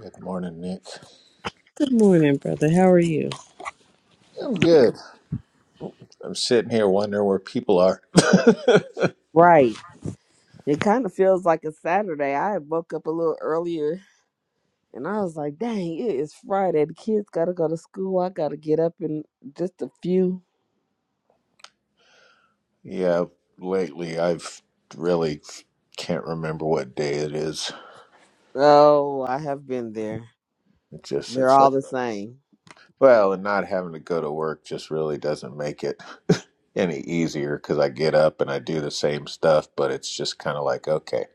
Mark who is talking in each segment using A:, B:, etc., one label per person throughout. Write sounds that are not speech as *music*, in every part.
A: Good morning, Nick.
B: Good morning, brother. How are you?
A: I'm good. I'm sitting here wondering where people are. *laughs*
B: Right. It kind of feels like a Saturday. I woke up a little earlier and I was like, dang, it is Friday. The kids got to go to school. I got to get up in just a few.
A: yeah, lately I've really can't remember what day it is.
B: Oh, I have been there.
A: It just it's
B: They're
A: like
B: all the same.
A: Well, and not having to go to work just really doesn't make it *laughs* any easier because I get up and I do the same stuff, but it's just kind of like, okay,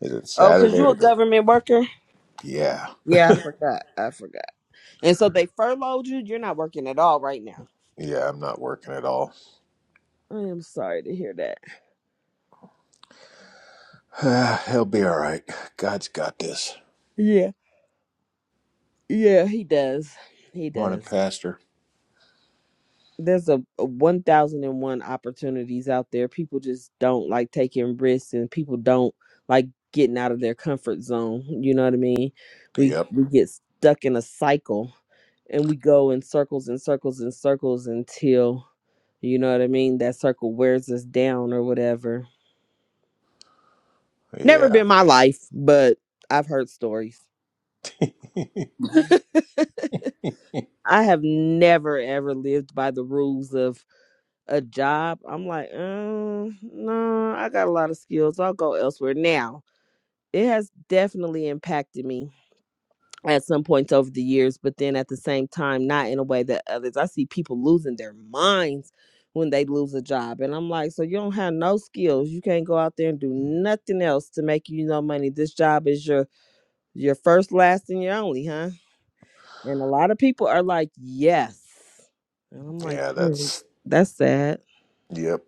A: is it
B: Oh, because
A: Saturday?
B: you're a
A: Is it? *sighs*
B: government worker?
A: Yeah,
B: Yeah, I forgot. I forgot. And so they furloughed you. You're not working at all right now.
A: yeah, I'm not working at all.
B: I am sorry to hear that.
A: *sighs* He'll be all right. God's got this.
B: Yeah. Yeah, he does. He
A: Morning,
B: does.
A: Pastor.
B: there's a, a 1001 opportunities out there people just don't like taking risks and people don't like getting out of their comfort zone you know what i mean we
A: Yep.
B: we get stuck in a cycle and we go in circles and circles and circles until you know what i mean that circle wears us down or whatever never
A: Yeah.
B: been my life but i've heard stories
A: *laughs*
B: *laughs* i have never ever lived by the rules of. a job, I'm like, um, no, I got a lot of skills. I'll go elsewhere. Now, it has definitely impacted me at some points over the years, but then at the same time, not in a way that others. I see people losing their minds when they lose a job. And I'm like, so you don't have no skills. You can't go out there and do nothing else to make you no money. This job is your your first, last, and your only, huh? And a lot of people are like, yes. And I'm like,
A: Yeah,
B: "Mm,
A: that's,
B: that's sad.
A: yep.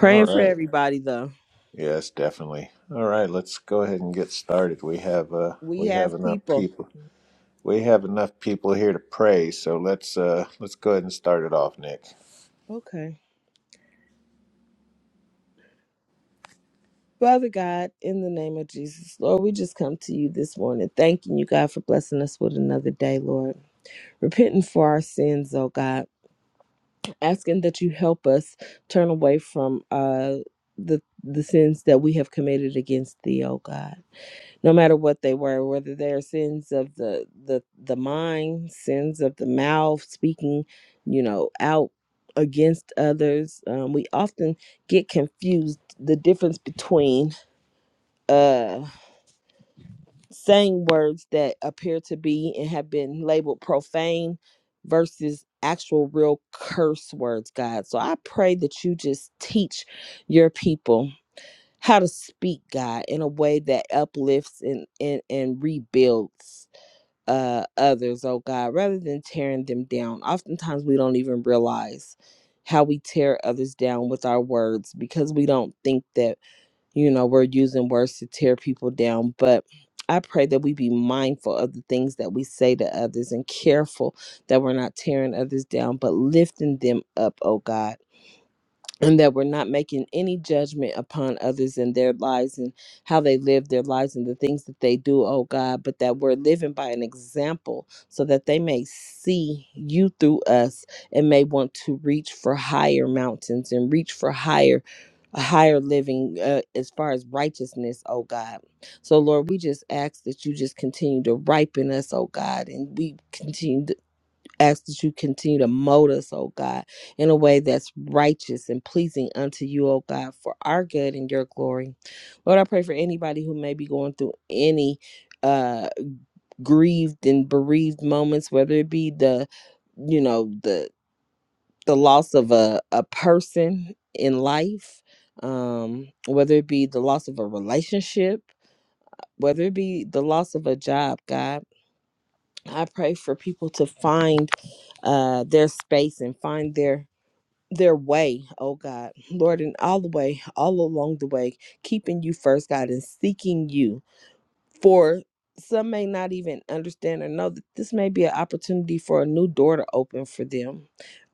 A: All
B: for
A: right.
B: everybody though.
A: Yes, definitely. All right, let's go ahead and get started. We have, uh,
B: We
A: we have
B: have
A: enough
B: people.
A: people. We have enough people here to pray, so let's uh let's go ahead and start it off, Nick.
B: Okay. Father God, in the name of Jesus, Lord, we just come to you this morning, thanking you, God, for blessing us with another day, Lord. Repenting for our sins, oh God. Asking that you help us turn away from uh the the sins that we have committed against thee, oh God. no matter what they were, whether they're sins of the the the mind, sins of the mouth, speaking, you know, out against others. Um, we often get confused the difference between uh saying words that appear to be and have been labeled profane versus actual real curse words, God. So I pray that you just teach your people how to speak God in a way that uplifts and and, and rebuilds uh, others, oh God, rather than tearing them down. Oftentimes we don't even realize how we tear others down with our words because we don't think that, you know, we're using words to tear people down. But I pray that we be mindful of the things that we say to others and careful that we're not tearing others down, but lifting them up, oh God and that we're not making any judgment upon others and their lives and how they live their lives and the things that they do, oh God, but that we're living by an example so that they may see you through us and may want to reach for higher mountains and reach for higher a higher living uh, as far as righteousness, oh God. So, Lord, we just ask that you just continue to ripen us, oh God, and we continue ask that you continue to mold us, oh God, in a way that's righteous and pleasing unto you, oh God, for our good and your glory. Lord, I pray for anybody who may be going through any uh grieved and bereaved moments, whether it be the, you know, the the loss of a, a person in life, um, whether it be the loss of a relationship, whether it be the loss of a job, God. I pray for people to find uh, their space and find their their way, oh God, Lord, and all the way, all along the way, keeping you first, God, and seeking you. For some may not even understand or know that this may be an opportunity for a new door to open for them,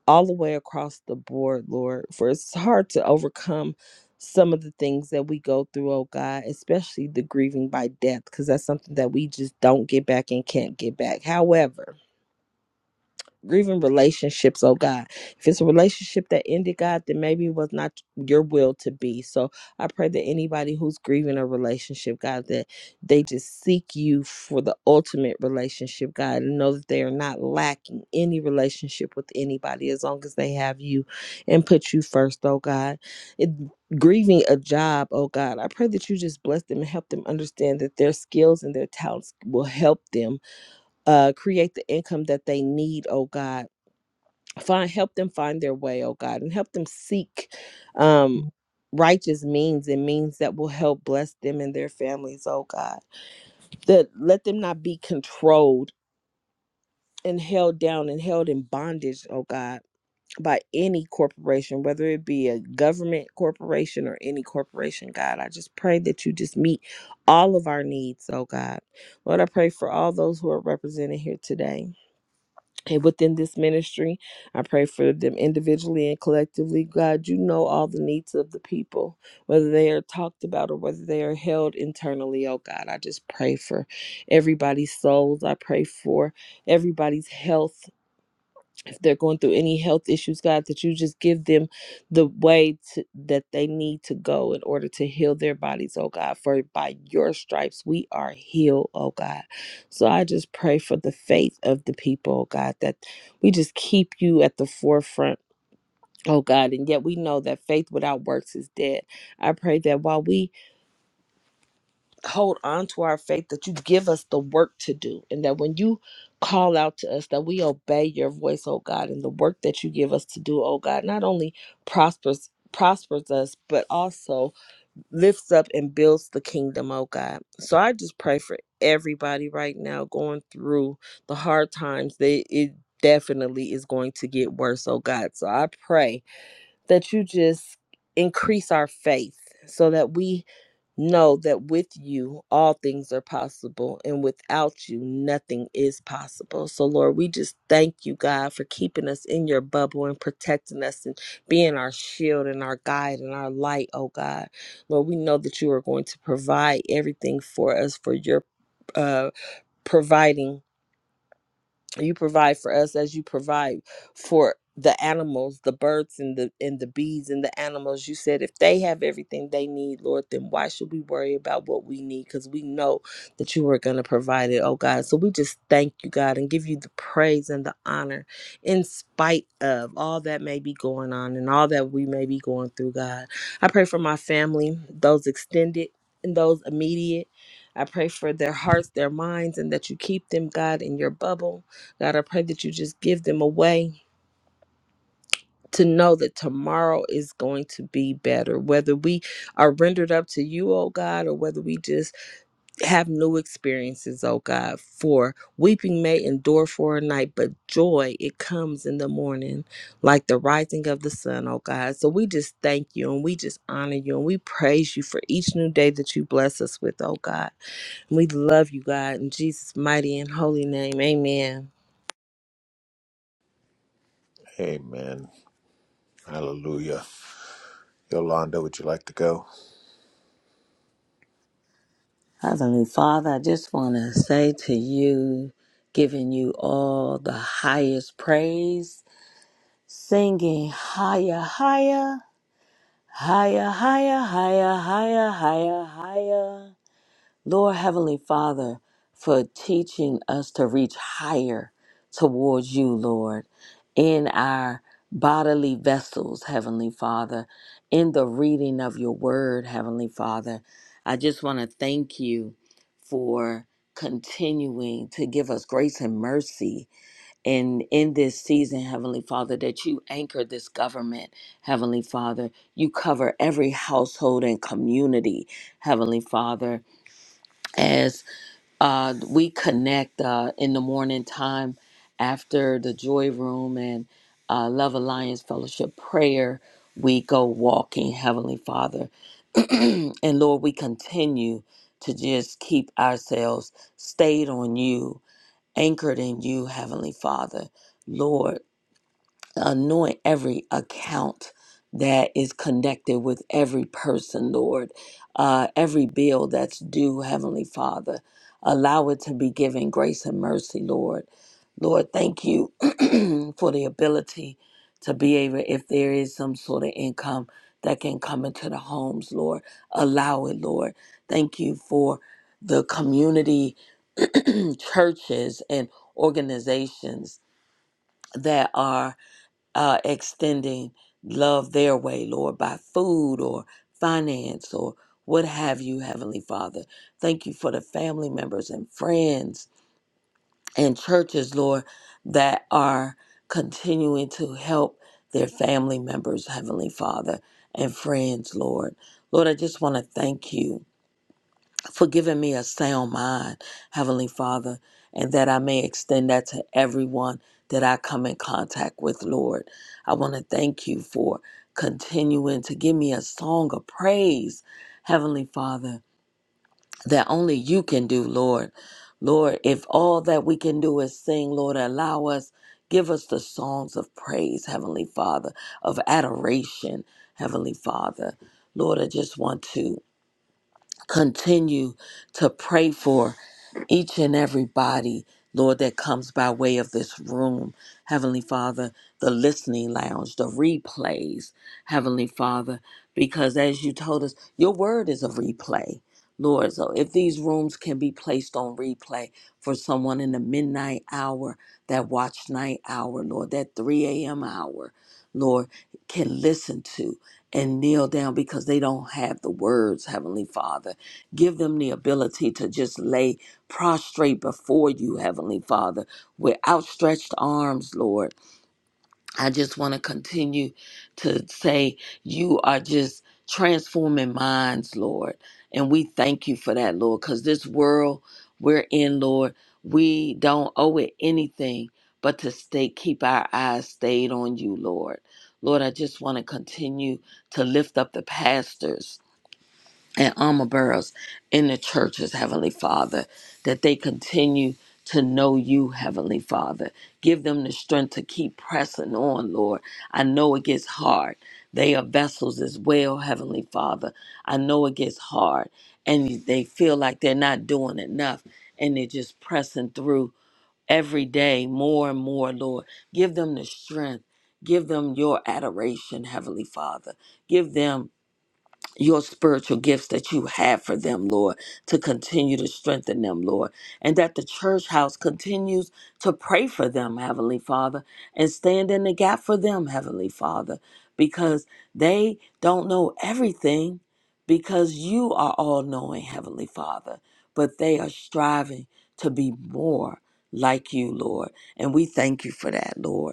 B: all the way across the board, Lord. For it's hard to overcome some of the things that we go through, oh God, especially the grieving by death, because that's something that we just don't get back and can't get back. However, even relationships, oh God. If it's a relationship that ended, God, then maybe it was not your will to be. So I pray that anybody who's grieving a relationship, God, that they just seek you for the ultimate relationship, God, and know that they are not lacking any relationship with anybody as long as they have you and put you first, oh God. It, grieving a job, oh God, I pray that you just bless them and help them understand that their skills and their talents will help them uh, create the income that they need, oh God find help them find their way oh god and help them seek um righteous means and means that will help bless them and their families oh god that let them not be controlled and held down and held in bondage oh god by any corporation whether it be a government corporation or any corporation god i just pray that you just meet all of our needs oh god lord i pray for all those who are represented here today and within this ministry. I pray for them individually and collectively. God, you know all the needs of the people, whether they are talked about or whether they are held internally. Oh God, I just pray for everybody's souls. I pray for everybody's health they're going through any health issues, God, that you just give them the way to, that they need to go in order to heal their bodies, oh God. For by your stripes we are healed, oh God. So I just pray for the faith of the people, oh God, that we just keep you at the forefront. Oh God, and yet we know that faith without works is dead. I pray that while we hold on to our faith that you give us the work to do and that when you call out to us that we obey your voice oh god and the work that you give us to do oh god not only prospers prospers us but also lifts up and builds the kingdom oh god so i just pray for everybody right now going through the hard times they it definitely is going to get worse oh god so i pray that you just increase our faith so that we know that with you all things are possible and without you nothing is possible. So Lord, we just thank you God for keeping us in your bubble and protecting us and being our shield and our guide and our light, oh God. Lord, we know that you are going to provide everything for us for your uh providing you provide for us as you provide for the animals the birds and the and the bees and the animals you said if they have everything they need lord then why should we worry about what we need because we know that you are going to provide it oh god so we just thank you god and give you the praise and the honor in spite of all that may be going on and all that we may be going through god i pray for my family those extended and those immediate i pray for their hearts their minds and that you keep them god in your bubble God, I pray that you just give them a way to know that tomorrow is going to be better, whether we are rendered up to you, oh God, or whether we just have new experiences, oh God. For weeping may endure for a night, but joy, it comes in the morning like the rising of the sun, oh God. So we just thank you and we just honor you and we praise you for each new day that you bless us with, oh God. And We love you, God, in Jesus' mighty and holy name. Amen.
A: Amen. Hallelujah. Yolanda, would you like to go?
C: Heavenly Father, I just want to say to you, giving you all the highest praise, singing higher, higher, higher, higher, higher, higher, higher, higher. Lord Heavenly Father, for teaching us to reach higher towards you, Lord, in our bodily vessels, Heavenly Father, in the reading of your word, Heavenly Father. I just want to thank you for continuing to give us grace and mercy and in this season heavenly father that you anchor this government heavenly father you cover every household and community heavenly father as uh, we connect uh, in the morning time after the joy room and uh, love alliance fellowship prayer we go walking heavenly father *clears throat* and lord we continue to just keep ourselves stayed on you anchored in you heavenly father lord anoint every account that is connected with every person, Lord. Uh, every bill that's due, Heavenly Father. Allow it to be given grace and mercy, Lord. Lord, thank you *clears throat* for the ability to be able, if there is some sort of income that can come into the homes, Lord, allow it, Lord. Thank you for the community *clears throat* churches and organizations that are uh, extending love their way, Lord, by food or finance or what have you, Heavenly Father. Thank you for the family members and friends and churches, Lord, that are continuing to help their family members, Heavenly Father, and friends, Lord. Lord, I just want to thank you for giving me a sound mind, Heavenly Father, and that I may extend that to everyone that I come in contact with, Lord. I want to thank you for continuing to give me a song of praise, Heavenly Father, that only you can do, Lord. Lord, if all that we can do is sing, Lord, allow us, give us the songs of praise, Heavenly Father, of adoration, Heavenly Father. Lord, I just want to continue to pray for each and everybody, Lord, that comes by way of this room. Heavenly Father, the listening lounge, the replays, Heavenly Father, because as you told us, your word is a replay. Lord, so if these rooms can be placed on replay for someone in the midnight hour, that watch night hour, Lord, that 3 a.m. hour, Lord, can listen to and kneel down because they don't have the words, Heavenly Father Give them the ability to just lay prostrate before you, Heavenly Father, with outstretched arms, Lord. I just want to continue to say you are just transforming minds, Lord. And we thank you for that, Lord, because this world we're in, Lord, we don't owe it anything but to stay, keep our eyes stayed on you, Lord. Lord, I just want to continue to lift up the pastors and armor bearers in the churches, Heavenly Father, that they continue to know you, Heavenly Father. Give them the strength to keep pressing on, Lord. I know it gets hard. They are vessels as well, Heavenly Father. I know it gets hard and they feel like they're not doing enough and they're just pressing through every day more and more, Lord. Give them the strength. Give them your adoration, Heavenly Father. Give them your spiritual gifts that you have for them, Lord, to continue to strengthen them, Lord, and that the church house continues to pray for them, Heavenly Father, and stand in the gap for them, Heavenly Father, because they don't know everything because you are all knowing, Heavenly Father, but they are striving to be more like you, Lord, and we thank you for that, Lord.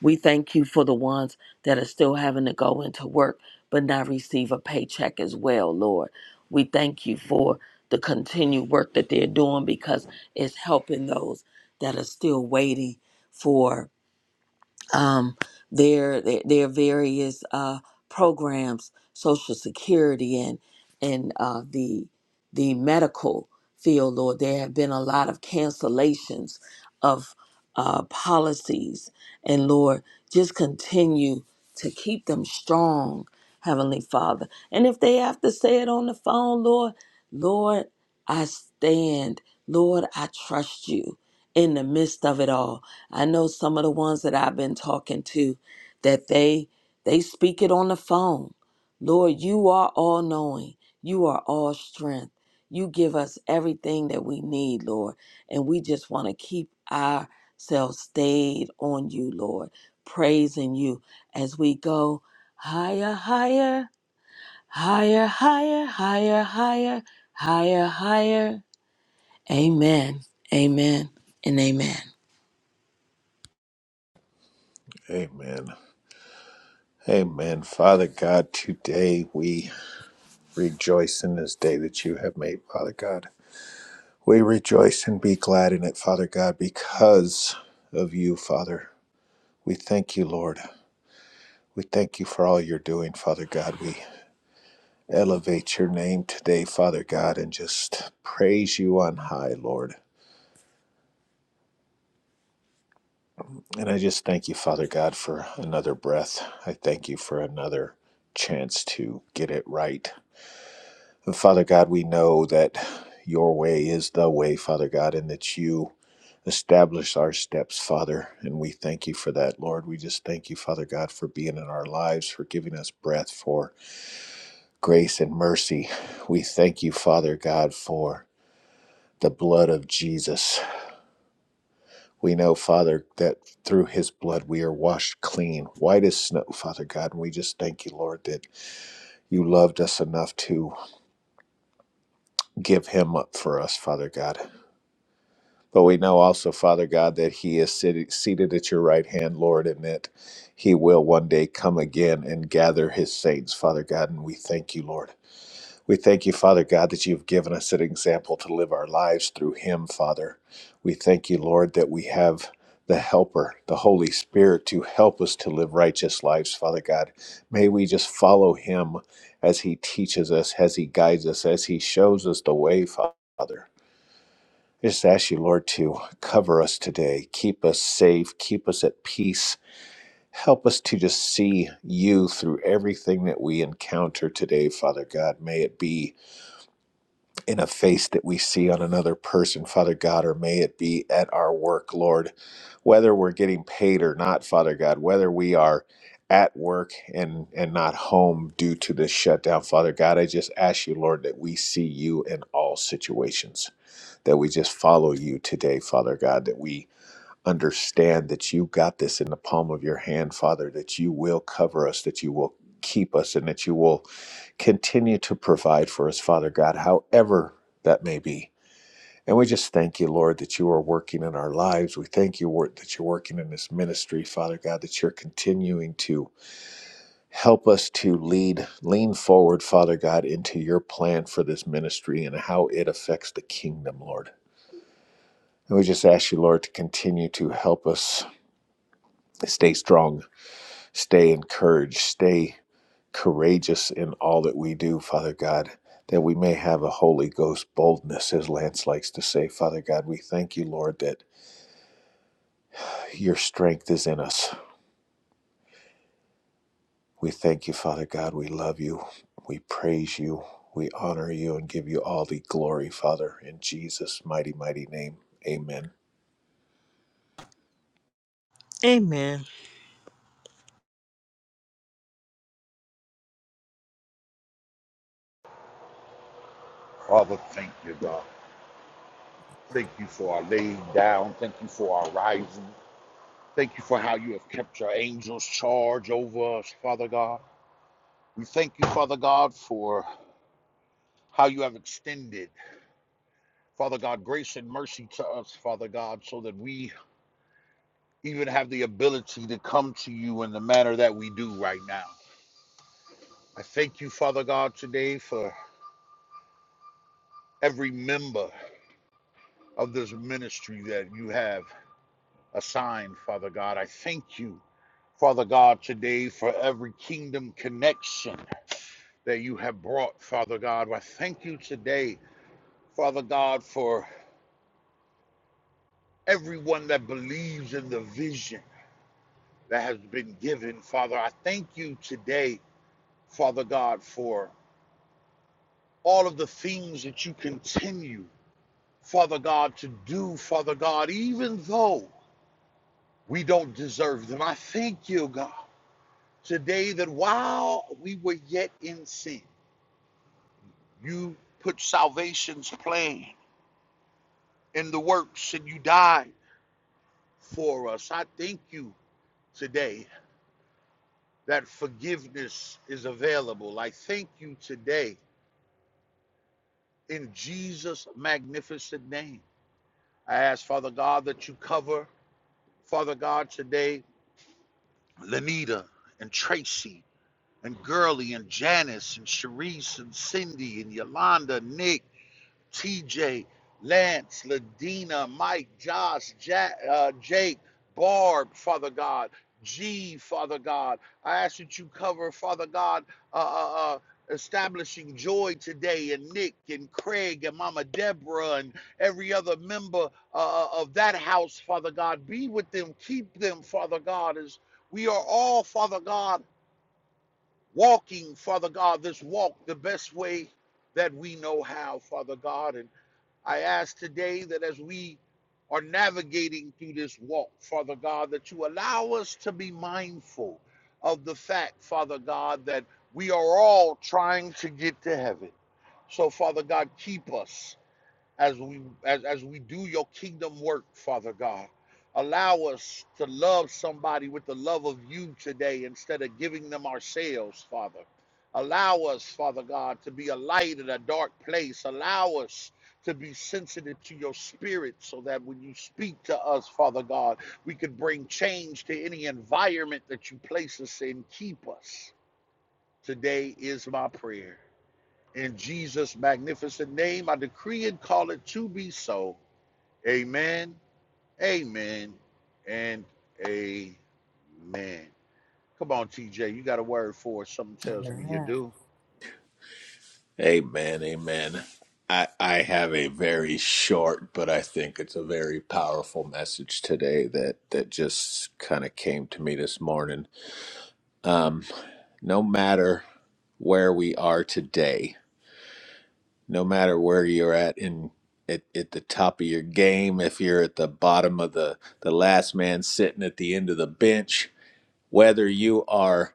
C: We thank you for the ones that are still having to go into work but not receive a paycheck as well, Lord. We thank you for the continued work that they're doing because it's helping those that are still waiting for um, their, their their various uh, programs, Social Security and and uh, the the medical field, Lord. There have been a lot of cancellations of uh, policies, and Lord, just continue to keep them strong, Heavenly Father. And if they have to say it on the phone, Lord, Lord, I stand. Lord, I trust you in the midst of it all. I know some of the ones that I've been talking to that they they speak it on the phone. Lord, you are all knowing. You are all strength. You give us everything that we need, Lord. And we just want to keep ourselves stayed on you, Lord, praising you as we go higher, higher, higher, higher, higher, higher, higher, higher. Amen. Amen. And amen.
A: Amen. Amen. Father God, today we rejoice in this day that you have made, Father God. We rejoice and be glad in it, Father God, because of you, Father. We thank you, Lord. We thank you for all you're doing, Father God. We elevate your name today, Father God, and just praise you on high, Lord. And I just thank you, Father God, for another breath. I thank you for another chance to get it right. And Father God, we know that your way is the way, Father God, and that you establish our steps, Father. And we thank you for that, Lord. We just thank you, Father God, for being in our lives, for giving us breath, for grace and mercy. We thank you, Father God, for the blood of Jesus. We know, Father, that through his blood we are washed clean, white as snow, Father God. And we just thank you, Lord, that you loved us enough to give him up for us, Father God. But we know also, Father God, that he is sit- seated at your right hand, Lord, and that he will one day come again and gather his saints, Father God. And we thank you, Lord. We thank you, Father God, that you've given us an example to live our lives through him, Father. We thank you, Lord, that we have the Helper, the Holy Spirit, to help us to live righteous lives, Father God. May we just follow him as he teaches us, as he guides us, as he shows us the way, Father. I just ask you, Lord, to cover us today, keep us safe, keep us at peace. Help us to just see you through everything that we encounter today, Father God. May it be in a face that we see on another person, Father God, or may it be at our work, Lord, whether we're getting paid or not, Father God, whether we are at work and and not home due to this shutdown, Father God, I just ask you, Lord, that we see you in all situations, that we just follow you today, Father God, that we understand that you got this in the palm of your hand, Father, that you will cover us, that you will keep us, and that you will continue to provide for us, Father God, however that may be. And we just thank you, Lord, that you are working in our lives. We thank you, Lord, that you're working in this ministry, Father God, that you're continuing to help us to lead, lean forward, Father God, into your plan for this ministry and how it affects the kingdom, Lord. And we just ask you, Lord, to continue to help us stay strong Stay encouraged, stay courageous in all that we do, Father God, that we may have a Holy Ghost boldness, as Lance likes to say. Father God, we thank you, Lord, that your strength is in us. We thank you, Father God. We love you. We praise you. We honor you and give you all the glory, Father, in Jesus' mighty, mighty name. Amen.
B: Amen.
D: Father, thank you, God. Thank you for our laying down. Thank you for our rising. Thank you for how you have kept your angels charge over us, Father God. We thank you, Father God, for how you have extended, Father God, grace and mercy to us, Father God, so that we even have the ability to come to you in the manner that we do right now. I thank you, Father God, today for every member of this ministry that you have assigned, Father God. I thank you Father God, today for every kingdom connection that you have brought, Father God. I thank you today, Father God, for everyone that believes in the vision that has been given, Father. I thank you today, Father God, for all of the things that you continue, Father God, to do, Father God, even though we don't deserve them. I thank you, God, today that while we were yet in sin, You put salvation's plan in the works and you died for us. I thank you today that forgiveness is available. I thank you today in Jesus' magnificent name. I ask, Father God, that you cover, Father God, today, Lenita and Tracy and Gurley and Janice and Sharice and Cindy and Yolanda, Nick. TJ, Lance, Ladina, Mike, Josh, ja- uh, Jake, Barb, Father God, G, Father God. I ask that you cover, Father God, uh, uh, uh, establishing joy today, and Nick, and Craig, and Mama Deborah, and every other member uh, uh, of that house, Father God. Be with them, keep them, Father God, as we are all, Father God, walking, Father God, this walk the best way that we know how, Father God. And I ask today that as we are navigating through this walk, Father God, that you allow us to be mindful of the fact, Father God, that we are all trying to get to heaven. So, Father God, keep us as we as, as we do your kingdom work, Father God. Allow us to love somebody with the love of you today instead of giving them ourselves, Father. Allow us, Father God, to be a light in a dark place. Allow us to be sensitive to your spirit so that when you speak to us, Father God, we could bring change to any environment that you place us in. Keep us. Today is my prayer. In Jesus' magnificent name, I decree and call it to be so. Amen, amen, and amen. Come on, TJ, you got a word for it. Something tells me you
C: Amen.
D: do.
A: Amen, amen. I, I have a very short, but I think it's a very powerful message today that, that just kind of came to me this morning. Um, no matter where we are today, no matter where you're at in at, at the top of your game, if you're at the bottom of the, the last man sitting at the end of the bench, whether you are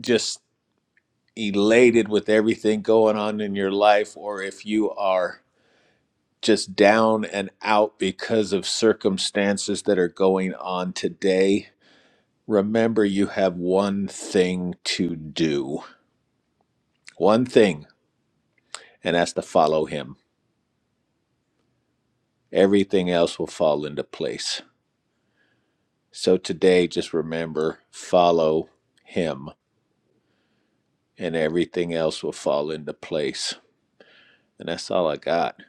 A: just elated with everything going on in your life or if you are just down and out because of circumstances that are going on today, remember you have one thing to do, one thing, and that's to follow Him. Everything else will fall into place. So today, just remember follow Him, and everything else will fall into place. And that's all I got.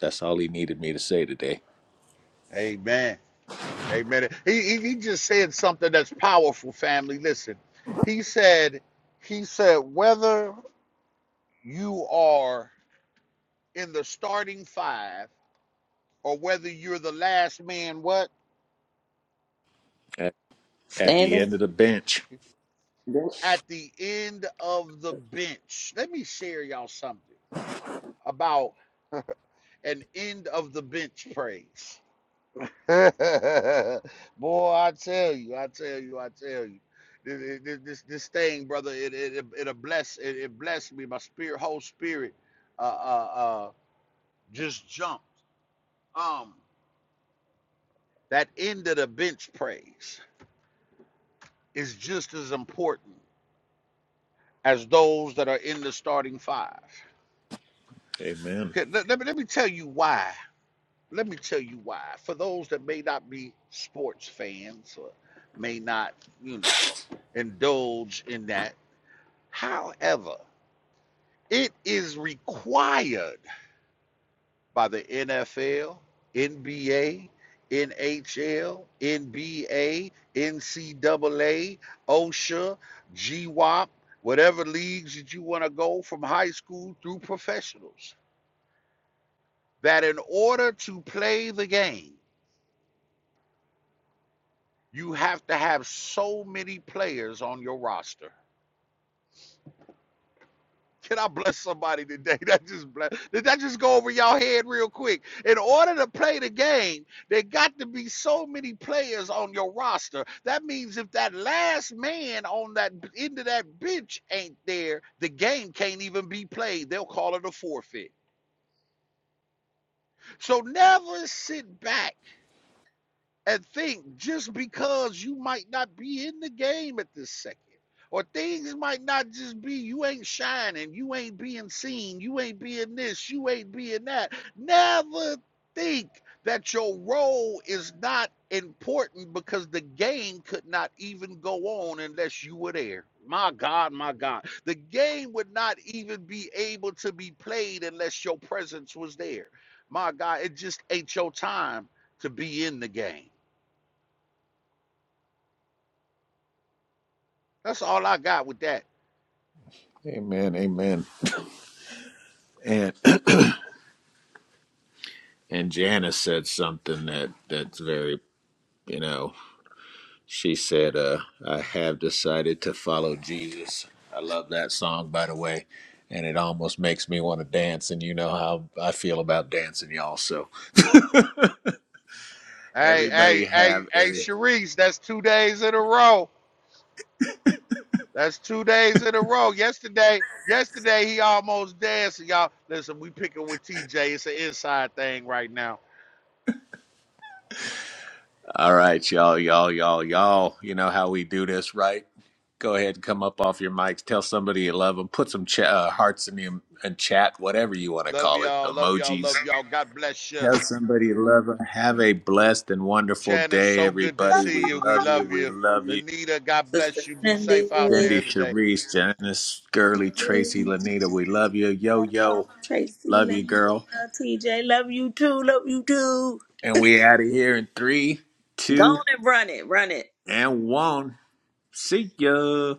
A: That's all He needed me to say today
D: Amen, amen. He, he, he just said something that's powerful, family. Listen, he said, he said, whether you are in the starting five or whether you're the last man, what?
A: at, at
C: Stand
A: the end of the bench.
D: at the end of the bench. Let me share y'all something about an end of the bench praise. *laughs* Boy, I tell you, I tell you, I tell you. This, this, this thing, brother, it it it, bless it, it blessed me. My spirit, whole spirit, uh, uh, uh, just jumped. Um, that end of the bench praise is just as important as those that are in the starting five.
A: Amen.
D: Okay, let, let me let me tell you why let me tell you why. For those that may not be sports fans or may not, you know, indulge in that. However, it is required by the NFL, NBA, NHL, NBA, NCAA, OSHA, GWAP, whatever leagues that you want to go from high school through professionals, that in order to play the game, You have to have so many players on your roster. Can I bless somebody today? *laughs* That just bless. Did that just go over y'all head real quick? In order to play the game, there got to be so many players on your roster. That means if that last man on that end of that bench ain't there, the game can't even be played. They'll call it a forfeit. So never sit back and think just because you might not be in the game at this second, or things might not just be you ain't shining, you ain't being seen, you ain't being this, you ain't being that. Never think that your role is not important because the game could not even go on unless you were there. My God, my God. The game would not even be able to be played unless your presence was there. My God, it just ain't your time to be in the game. That's all I got with that.
A: Amen. Amen. And. and Janice said something that that's very you know she said uh I have decided to follow Jesus. I love that song by the way and it almost makes me want to dance and you know how I feel about dancing y'all so *laughs*
D: Hey,
A: everybody
D: hey, hey,
A: have
D: hey,
A: a
D: Sharice, that's two days in a row. That's two days in a row. Yesterday, yesterday he almost dead. So y'all, listen, we picking with TJ. It's an inside thing right now.
A: all right y'all y'all y'all y'all you know how we do this right go ahead and come up off your mics tell somebody you love them put some ch- uh, hearts in the in chat whatever you want to
D: Love
A: call it
D: y'all, love y'all,
A: emojis
D: love y'all. God bless you.
A: Tell somebody you love them. Have a blessed and wonderful
D: Janice,
A: day,
D: so good to
A: everybody.
D: see
A: We
D: you. We
A: love you.
D: love
A: We
D: you.
A: love you.
D: Lanita, God
C: Sister
D: bless you. Be
C: Cindy,
D: safe out there
A: Cindy,
D: today.
A: Sharice, Janice, Gurley, Tracy, Lanita, we love you. Yo, yo,
C: Tracy,
A: love
C: love
A: you, girl.
C: you, TJ, love you too, love you too.
A: And we out of here in three,
C: Go
A: two,
C: on and run it, run it.
A: and one. See ya.